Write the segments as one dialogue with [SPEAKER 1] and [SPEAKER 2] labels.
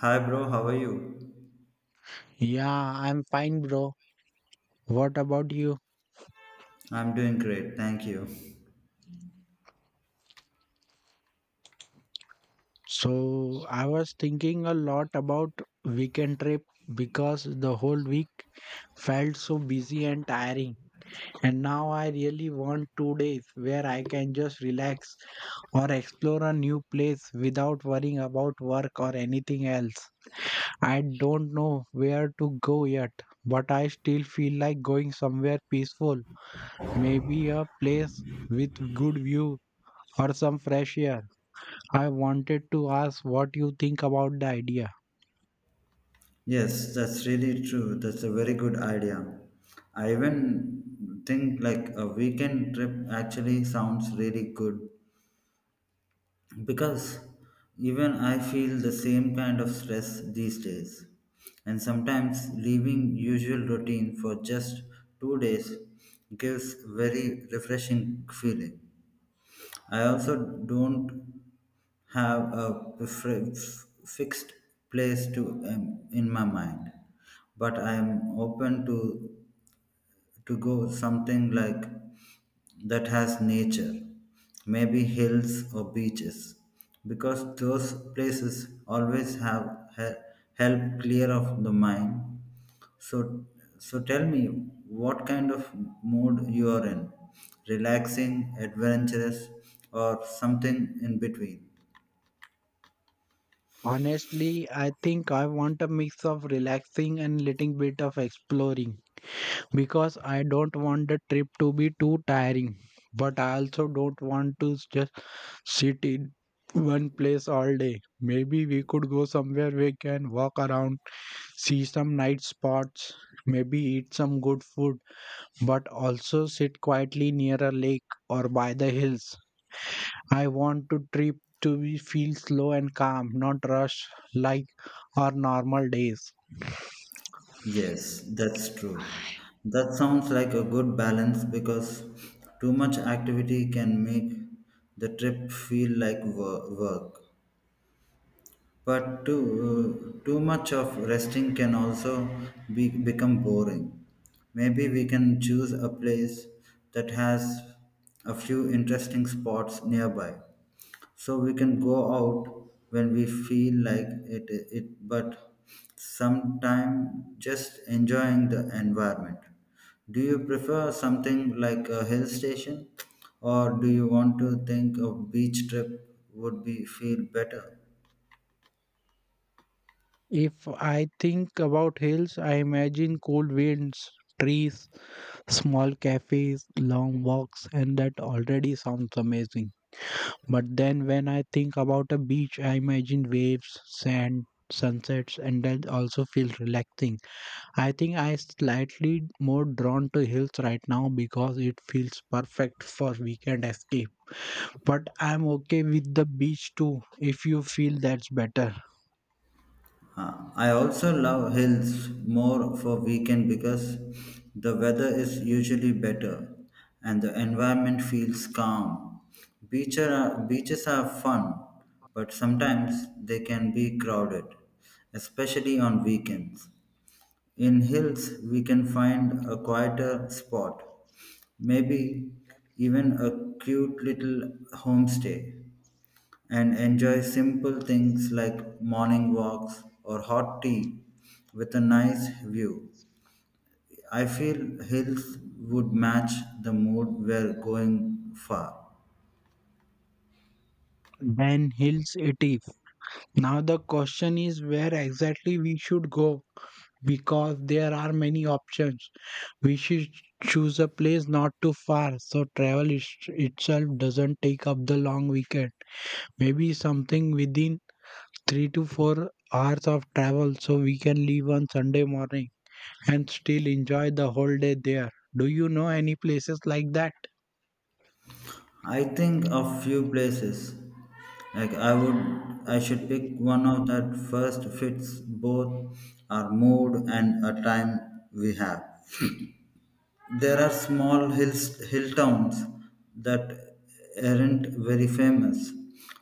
[SPEAKER 1] Hi, bro, how are you?
[SPEAKER 2] Yeah, I'm fine, bro. What about you?
[SPEAKER 1] I'm doing great, thank you.
[SPEAKER 2] So, I was thinking a lot about weekend trip because the whole week felt so busy and tiring. And now I really want 2 days where I can just relax or explore a new place without worrying about work or anything else. I don't know where to go yet, but I still feel like going somewhere peaceful. Maybe a place with good view or some fresh air. I wanted to ask what you think about the idea.
[SPEAKER 1] Yes, that's really true. That's a very good idea. I even think like a weekend trip actually sounds really good because even I feel the same kind of stress these days. And sometimes leaving usual routine for just 2 days gives very refreshing feeling. I also don't have a fixed place to in my mind, but I am open to go something like that has nature, maybe hills or beaches, because those places always have he- help clear of the mind. So, so tell me what kind of mood you are in, relaxing, adventurous, or something in between.
[SPEAKER 2] Honestly, I think I want a mix of relaxing and little bit of exploring because I don't want the trip to be too tiring, but I also don't want to just sit in one place all day. Maybe we could go somewhere we can walk around, see some night spots, maybe eat some good food, but also sit quietly near a lake or by the hills. I want to trip to be feel slow and calm, not rush like our normal days.
[SPEAKER 1] Yes, that's true. That sounds like a good balance because too much activity can make the trip feel like work. But too much of resting can also become boring. Maybe we can choose a place that has a few interesting spots nearby so we can go out when we feel like it, but sometime just enjoying the environment. Do you prefer something like a hill station, or do you want to think a beach trip would be feel better?
[SPEAKER 2] If I think about hills, I imagine cold winds, trees, small cafes, long walks, and that already sounds amazing. But then when I think about a beach, I imagine waves, sand, sunsets, and that also feels relaxing. I think I slightly more drawn to hills right now because it feels perfect for weekend escape. But I'm okay with the beach too if you feel that's better.
[SPEAKER 1] I also love hills more for weekend because the weather is usually better and the environment feels calm. Beaches are fun, but sometimes they can be crowded, especially on weekends. In hills, we can find a quieter spot, maybe even a cute little homestay, and enjoy simple things like morning walks or hot tea with a nice view. I feel hills would match the mood we're going far.
[SPEAKER 2] Then hills it is. Now the question is where exactly we should go because there are many options. We should choose a place not too far so travel is, itself doesn't take up the long weekend. Maybe something within 3 to 4 hours of travel so we can leave on Sunday morning and still enjoy the whole day there. Do you know any places like that?
[SPEAKER 1] I think of few places. Like I should pick one of that first fits both our mood and a time we have. There are small hill towns that aren't very famous,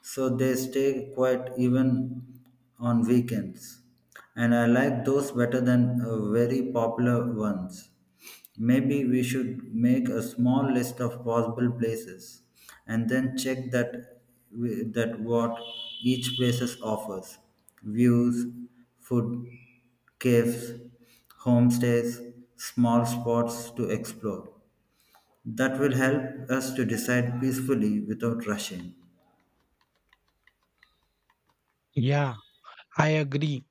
[SPEAKER 1] so they stay quiet even on weekends. And I like those better than very popular ones. Maybe we should make a small list of possible places and then check that that what each places offers. Views, food, caves, homestays, small spots to explore. That will help us to decide peacefully without rushing.
[SPEAKER 2] Yeah, I agree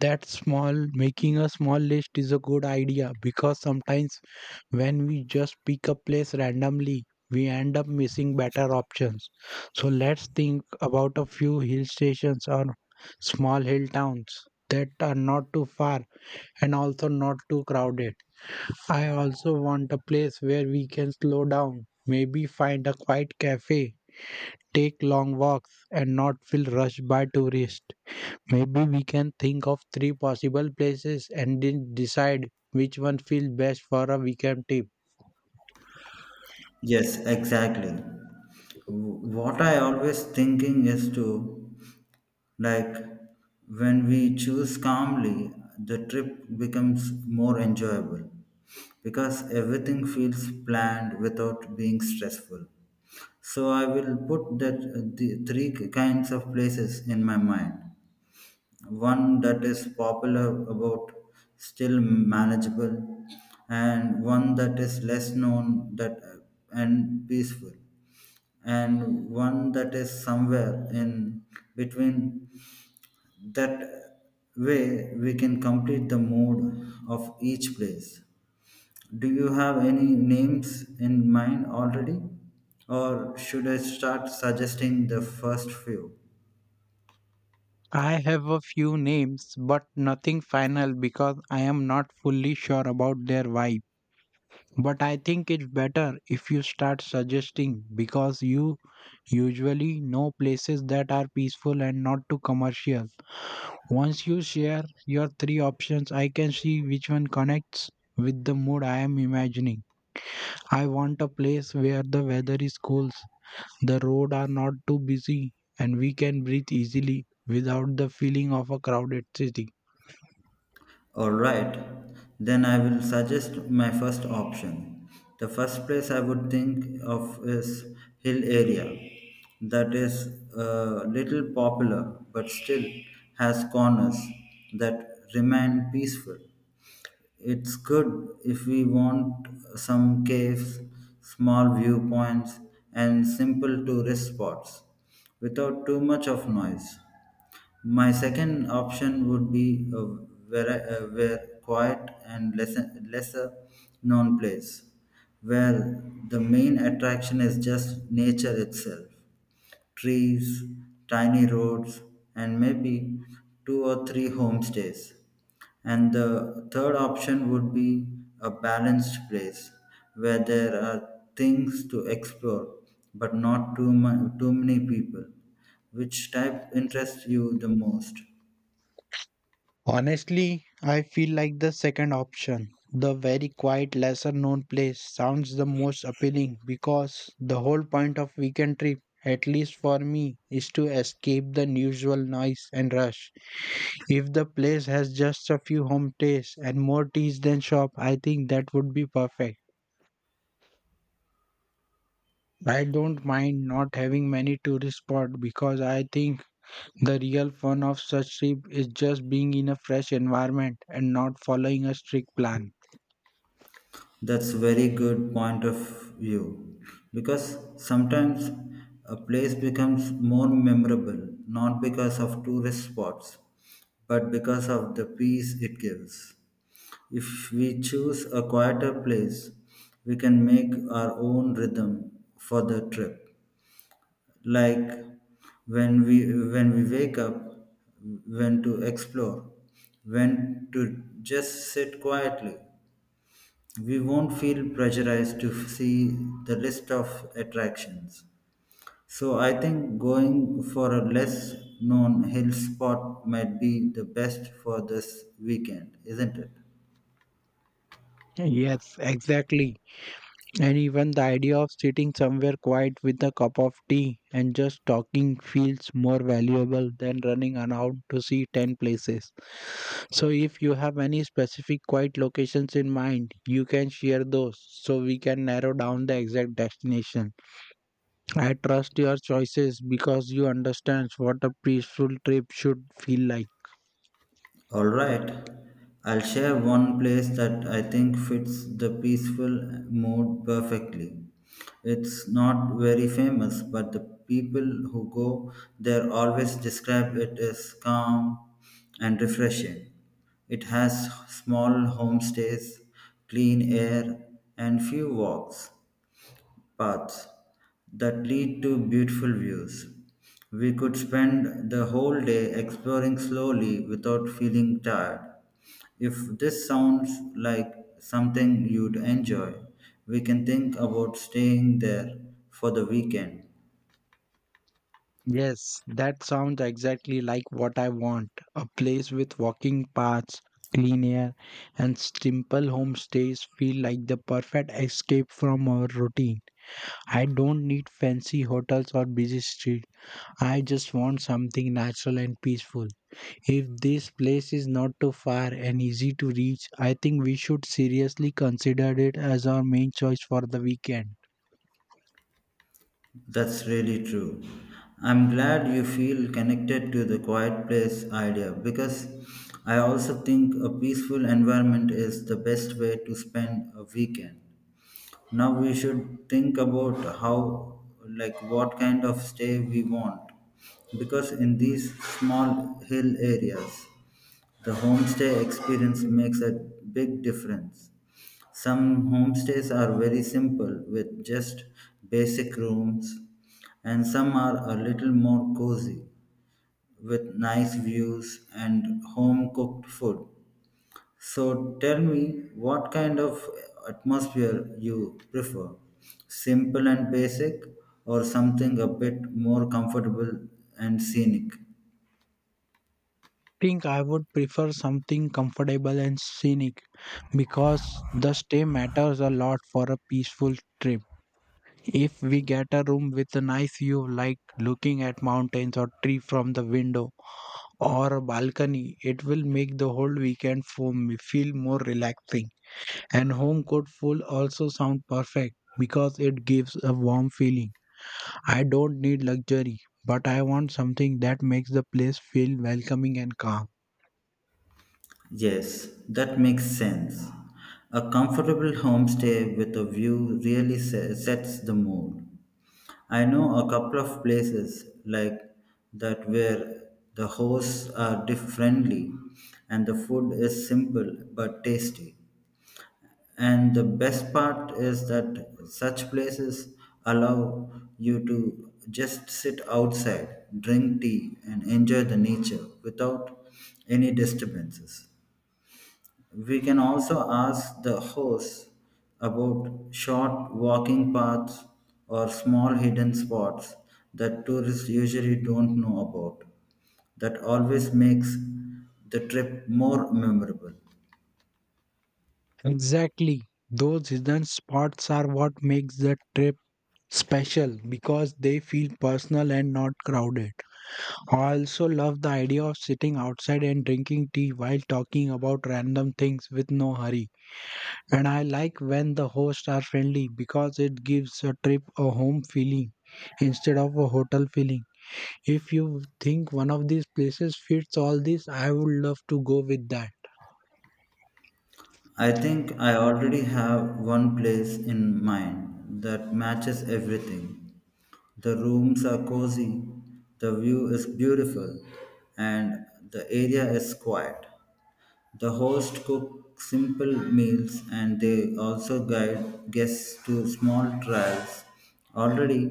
[SPEAKER 2] that small making a small list is a good idea because sometimes when we just pick a place randomly we end up missing better options. So let's think about a few hill stations or small hill towns that are not too far and also not too crowded. I also want a place where we can slow down, maybe find a quiet cafe, take long walks and not feel rushed by tourists. Maybe we can think of three possible places and then decide which one feels best for a weekend trip.
[SPEAKER 1] Yes, exactly. What I always thinking is to. Like, when we choose calmly, the trip becomes more enjoyable because everything feels planned without being stressful. So I will put that the three kinds of places in my mind. One that is popular about still manageable, and one that is less known that and peaceful, and one that is somewhere in between. That way we can complete the mood of each place. Do you have any names in mind already? Or should I start suggesting the first few?
[SPEAKER 2] I have a few names, but nothing final because I am not fully sure about their vibe. But I think it's better if you start suggesting because you usually know places that are peaceful and not too commercial. Once you share your three options, I can see which one connects with the mood I am imagining. I want a place where the weather is cool, the roads are not too busy, and we can breathe easily without the feeling of a crowded city.
[SPEAKER 1] Alright, then I will suggest my first option. The first place I would think of is hill area that is a little popular but still has corners that remain peaceful. It's good if we want some caves, small viewpoints, and simple tourist spots without too much of noise. My second option would be a very quiet and lesser known place where the main attraction is just nature itself, trees, tiny roads, and maybe two or three homestays. And the third option would be a balanced place where there are things to explore, but not too many people. Which type interests you the most?
[SPEAKER 2] Honestly, I feel like the second option, the very quiet, lesser known place, sounds the most appealing because the whole point of weekend trip, at least for me, is to escape the usual noise and rush. If the place has just a few homestays and more teas than shop, I think that would be perfect. I don't mind not having many tourist spots because I think the real fun of such trip is just being in a fresh environment and not following a strict plan.
[SPEAKER 1] That's very good point of view because sometimes a place becomes more memorable not because of tourist spots but because of the peace it gives. If we choose a quieter place, we can make our own rhythm for the trip. Like when we when we wake up, when to explore, when to just sit quietly, we won't feel pressurized to see the list of attractions. So I think going for a less known hill spot might be the best for this weekend, isn't it?
[SPEAKER 2] Yes, exactly. And even the idea of sitting somewhere quiet with a cup of tea and just talking feels more valuable than running around to see 10 places. So, if you have any specific quiet locations in mind, you can share those so we can narrow down the exact destination. I trust your choices because you understand what a peaceful trip should feel like.
[SPEAKER 1] All right. I'll share one place that I think fits the peaceful mood perfectly. It's not very famous, but the people who go there always describe it as calm and refreshing. It has small homestays, clean air, and few walks paths that lead to beautiful views. We could spend the whole day exploring slowly without feeling tired. If this sounds like something you'd enjoy, we can think about staying there for the weekend.
[SPEAKER 2] Yes, that sounds exactly like what I want. A place with walking paths, clean air, and simple homestays feel like the perfect escape from our routine. I don't need fancy hotels or busy streets. I just want something natural and peaceful. If this place is not too far and easy to reach, I think we should seriously consider it as our main choice for the weekend.
[SPEAKER 1] That's really true. I'm glad you feel connected to the quiet place idea because I also think a peaceful environment is the best way to spend a weekend. Now we should think about how, like, what kind of stay we want. Because in these small hill areas, the homestay experience makes a big difference. Some homestays are very simple with just basic rooms, and some are a little more cozy with nice views and home cooked food. So tell me, what kind of atmosphere you prefer? Simple and basic, or something a bit more comfortable and scenic?
[SPEAKER 2] Think I would prefer something comfortable and scenic because the stay matters a lot for a peaceful trip. If we get a room with a nice view, like looking at mountains or tree from the window or a balcony, it will make the whole weekend for me feel more relaxing. And home cooked food also sound perfect because it gives a warm feeling. I don't need luxury, but I want something that makes the place feel welcoming and calm.
[SPEAKER 1] Yes, that makes sense. A comfortable homestay with a view really sets the mood. I know a couple of places like that where the hosts are friendly and the food is simple but tasty. And the best part is that such places allow you to just sit outside, drink tea, and enjoy the nature without any disturbances. We can also ask the host about short walking paths or small hidden spots that tourists usually don't know about. That always makes the trip more memorable.
[SPEAKER 2] Exactly. Those hidden spots are what makes the trip special because they feel personal and not crowded. I also love the idea of sitting outside and drinking tea while talking about random things with no hurry. And I like when the hosts are friendly because it gives a trip a home feeling instead of a hotel feeling. If you think one of these places fits all this, I would love to go with that.
[SPEAKER 1] I think I already have one place in mind that matches everything. The rooms are cozy, the view is beautiful, and the area is quiet. The host cooks simple meals and they also guide guests to small trials already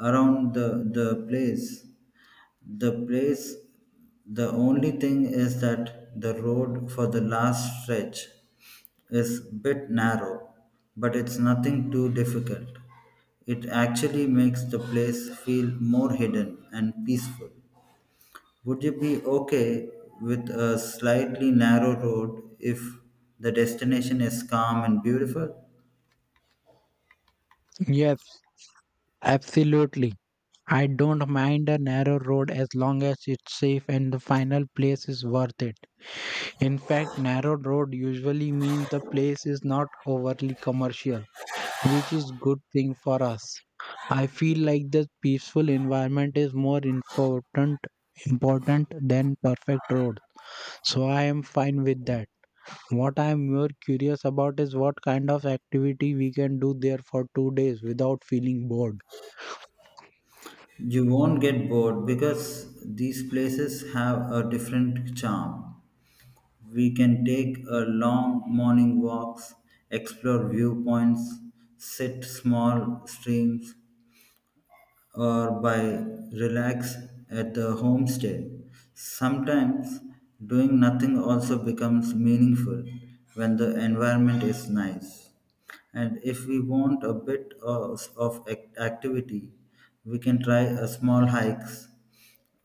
[SPEAKER 1] around the place. The place, the only thing is that the road for the last stretch is bit narrow, but it's nothing too difficult. It actually makes the place feel more hidden and peaceful. Would you be okay with a slightly narrow road if the destination is calm and beautiful?
[SPEAKER 2] Yes, absolutely. I don't mind a narrow road as long as it's safe and the final place is worth it. In fact, narrow road usually means the place is not overly commercial, which is good thing for us. I feel like the peaceful environment is more important than perfect road. So I am fine with that. What I am more curious about is what kind of activity we can do there for 2 days without feeling bored.
[SPEAKER 1] You won't get bored because these places have a different charm. We can take a long morning walks, explore viewpoints, sit small streams, or by relax at the homestay. Sometimes doing nothing also becomes meaningful when the environment is nice. And if we want a bit of activity, we can try a small hikes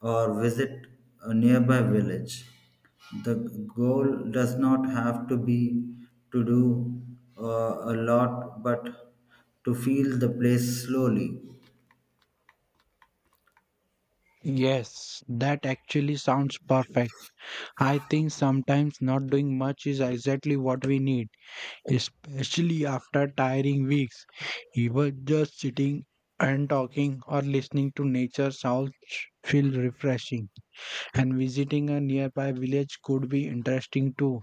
[SPEAKER 1] or visit a nearby village. The goal does not have to be to do a lot, but to feel the place slowly.
[SPEAKER 2] Yes, that actually sounds perfect. I think sometimes not doing much is exactly what we need, especially after tiring weeks. Even just sitting and talking or listening to nature sounds feel refreshing. And visiting a nearby village could be interesting too,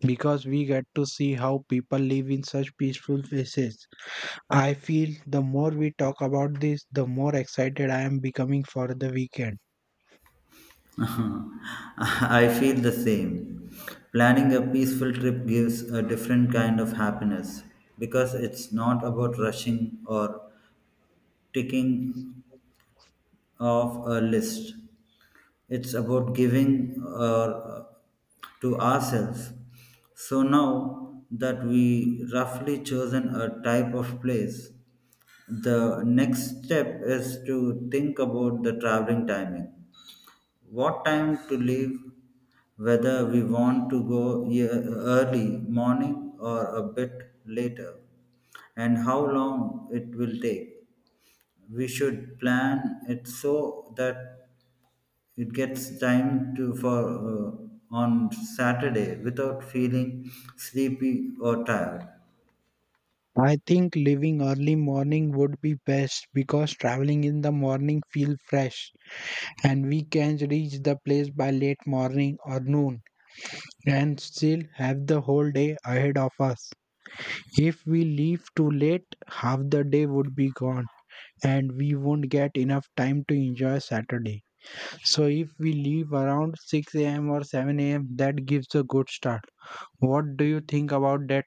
[SPEAKER 2] because we get to see how people live in such peaceful places. I feel the more we talk about this, the more excited I am becoming for the weekend.
[SPEAKER 1] I feel the same. Planning a peaceful trip gives a different kind of happiness because it's not about rushing or ticking off a list. It's about giving to ourselves. So now that we roughly chosen a type of place, the next step is to think about the traveling timing, what time to leave, whether we want to go early morning or a bit later, and how long it will take. We should plan it so that it gets time to for on Saturday without feeling sleepy or tired.
[SPEAKER 2] I think leaving early morning would be best because traveling in the morning feel fresh and we can reach the place by late morning or noon and still have the whole day ahead of us. If we leave too late, half the day would be gone and we won't get enough time to enjoy Saturday. So if we leave around 6 a.m. or 7 a.m., that gives a good start. What do you think about that?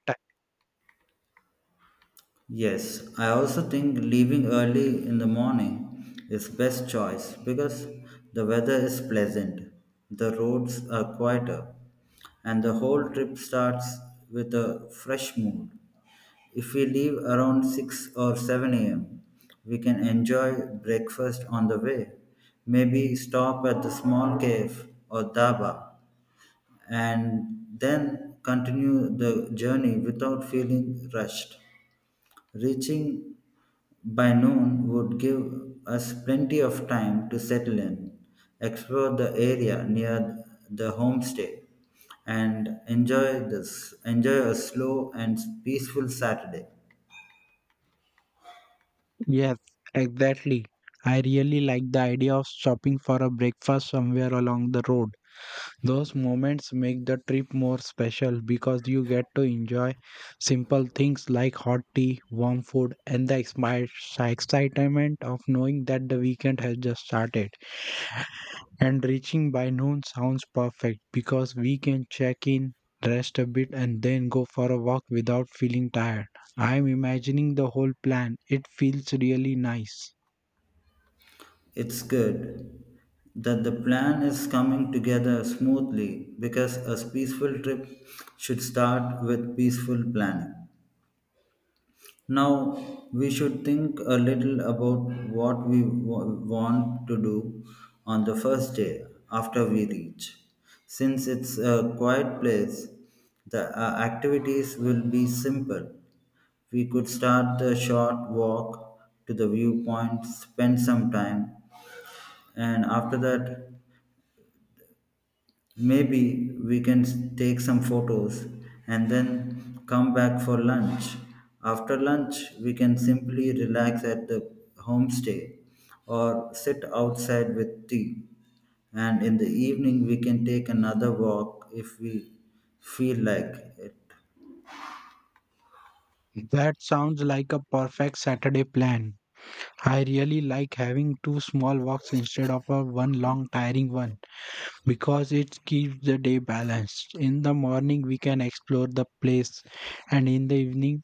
[SPEAKER 1] Yes, I also think leaving early in the morning is best choice because the weather is pleasant, the roads are quieter, and the whole trip starts with a fresh mood. If we leave around 6 or 7 a.m., we can enjoy breakfast on the way. Maybe stop at the small cave or dhaba and then continue the journey without feeling rushed. Reaching by noon would give us plenty of time to settle in, explore the area near the homestay, and enjoy a slow and peaceful Saturday.
[SPEAKER 2] Yes, exactly. I really like the idea of stopping for a breakfast somewhere along the road. Those moments make the trip more special because you get to enjoy simple things like hot tea, warm food, and the excitement of knowing that the weekend has just started. And reaching by noon sounds perfect because we can check in, rest a bit, and then go for a walk without feeling tired. I'm imagining the whole plan. It feels really nice.
[SPEAKER 1] It's good that the plan is coming together smoothly because a peaceful trip should start with peaceful planning. Now, we should think a little about what we want to do on the first day after we reach. Since it's a quiet place, the activities will be simple. We could start the short walk to the viewpoint, spend some time, and after that, maybe we can take some photos and then come back for lunch. After lunch, we can simply relax at the homestay or sit outside with tea. And in the evening, we can take another walk if we feel like it.
[SPEAKER 2] That sounds like a perfect Saturday plan. I really like having two small walks instead of a one long tiring one because it keeps the day balanced. In the morning we can explore the place and in the evening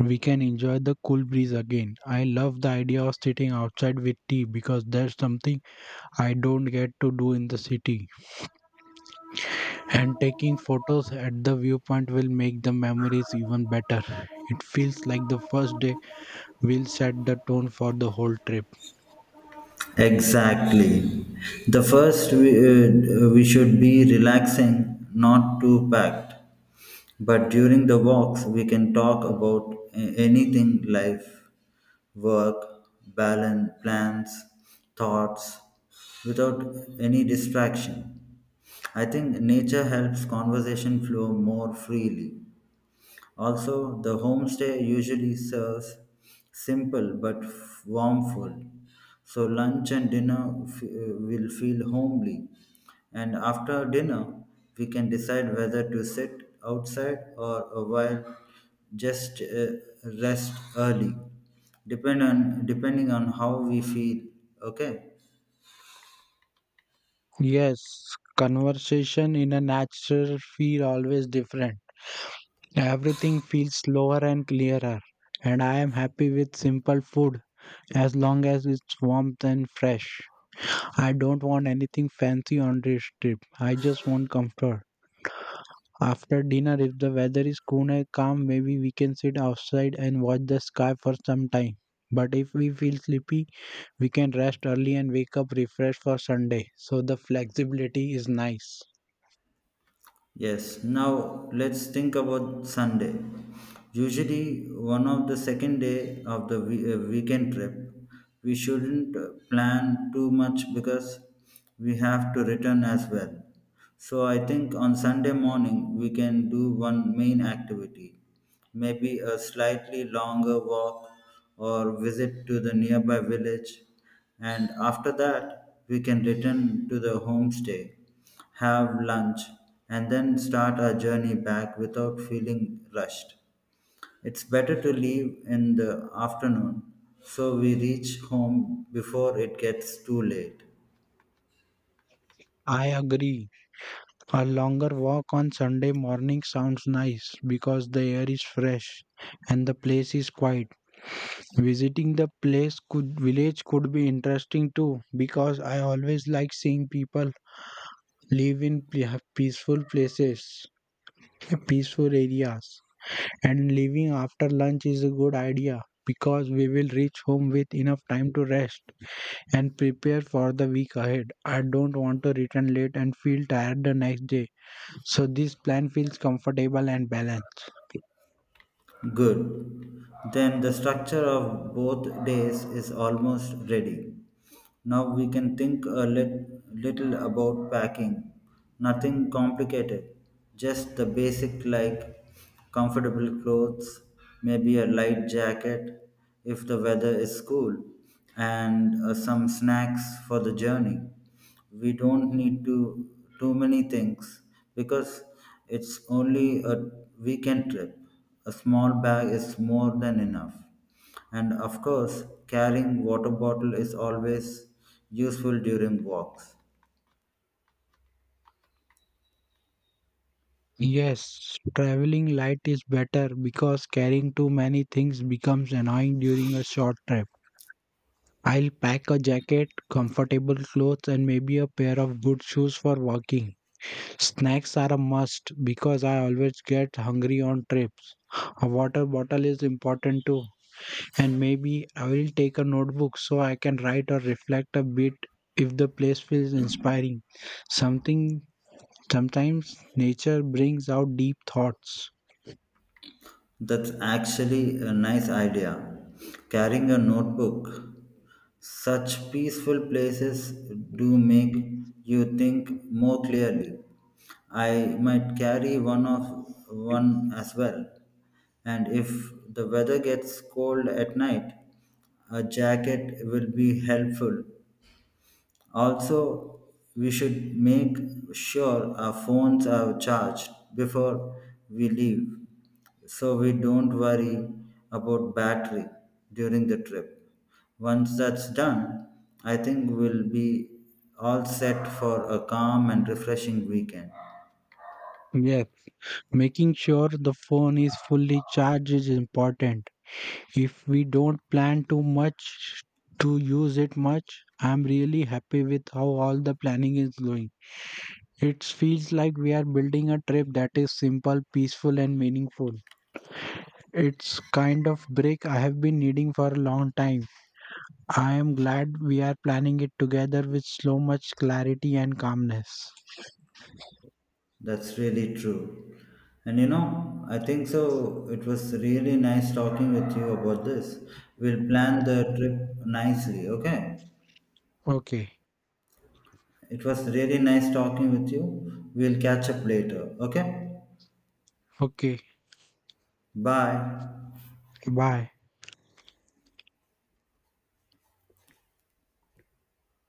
[SPEAKER 2] we can enjoy the cool breeze again. I love the idea of sitting outside with tea because that's something I don't get to do in the city. And taking photos at the viewpoint will make the memories even better. It feels like the first day will set the tone for the whole trip.
[SPEAKER 1] Exactly. The first we should be relaxing, not too packed. But during the walks, we can talk about anything, life, work, balance, plans, thoughts, without any distraction. I think nature helps conversation flow more freely. Also, the homestay usually serves simple but warm food, so lunch and dinner will feel homely. And after dinner, we can decide whether to sit outside or a while just rest early, depending on how we feel. Okay.
[SPEAKER 2] Yes, conversation in a natural feel always different. Everything feels slower and clearer, and I am happy with simple food as long as it's warm and fresh. I don't want anything fancy on this trip. I just want comfort. After dinner, if the weather is cool and calm, maybe we can sit outside and watch the sky for some time. But if we feel sleepy, we can rest early and wake up refreshed for Sunday. So the flexibility is nice.
[SPEAKER 1] Yes, now let's think about Sunday. Usually, one of the second day of the weekend trip, we shouldn't plan too much because we have to return as well. So, I think on Sunday morning, we can do one main activity, maybe a slightly longer walk or visit to the nearby village, and after that, we can return to the homestay, have lunch, and then start our journey back without feeling rushed. It's better to leave in the afternoon so we reach home before it gets too late.
[SPEAKER 2] I agree. A longer walk on Sunday morning sounds nice because the air is fresh and the place is quiet. Visiting the place could village could be interesting too because I always like seeing people live in peaceful places, peaceful areas. And leaving after lunch is a good idea because we will reach home with enough time to rest and prepare for the week ahead. I don't want to return late and feel tired the next day. So this plan feels comfortable and balanced.
[SPEAKER 1] Good. Then the structure of both days is almost ready. Now we can think a little about packing. Nothing complicated, just the basic like comfortable clothes, maybe a light jacket if the weather is cool, and some snacks for the journey. We don't need to too many things because it's only a weekend trip. A small bag is more than enough. And of course, carrying water bottle is always useful during walks.
[SPEAKER 2] Yes, traveling light is better because carrying too many things becomes annoying during a short trip. I'll pack a jacket, comfortable clothes, and maybe a pair of good shoes for walking. Snacks are a must because I always get hungry on trips. A water bottle is important too, and maybe I will take a notebook so I can write or reflect a bit if the place feels inspiring. Something Sometimes nature brings out deep thoughts.
[SPEAKER 1] That's actually a nice idea, carrying a notebook. Such peaceful places do make you think more clearly. I might carry one as well. And if the weather gets cold at night, a jacket will be helpful. Also, we should make sure our phones are charged before we leave so we don't worry about battery during the trip. Once that's done, I think we'll be all set for a calm and refreshing weekend.
[SPEAKER 2] Yeah, making sure the phone is fully charged is important. If we don't plan too much to use it much, I'm really happy with how all the planning is going. It feels like we are building a trip that is simple, peaceful, and meaningful. It's kind of break I have been needing for a long time. I am glad we are planning it together with so much clarity and calmness.
[SPEAKER 1] That's really true. And you know, I think so. It was really nice talking with you about this. We'll plan the trip nicely, okay?
[SPEAKER 2] Okay,
[SPEAKER 1] It was really nice talking with you. We'll catch up later, okay?
[SPEAKER 2] okay,
[SPEAKER 1] Bye.
[SPEAKER 2] bye.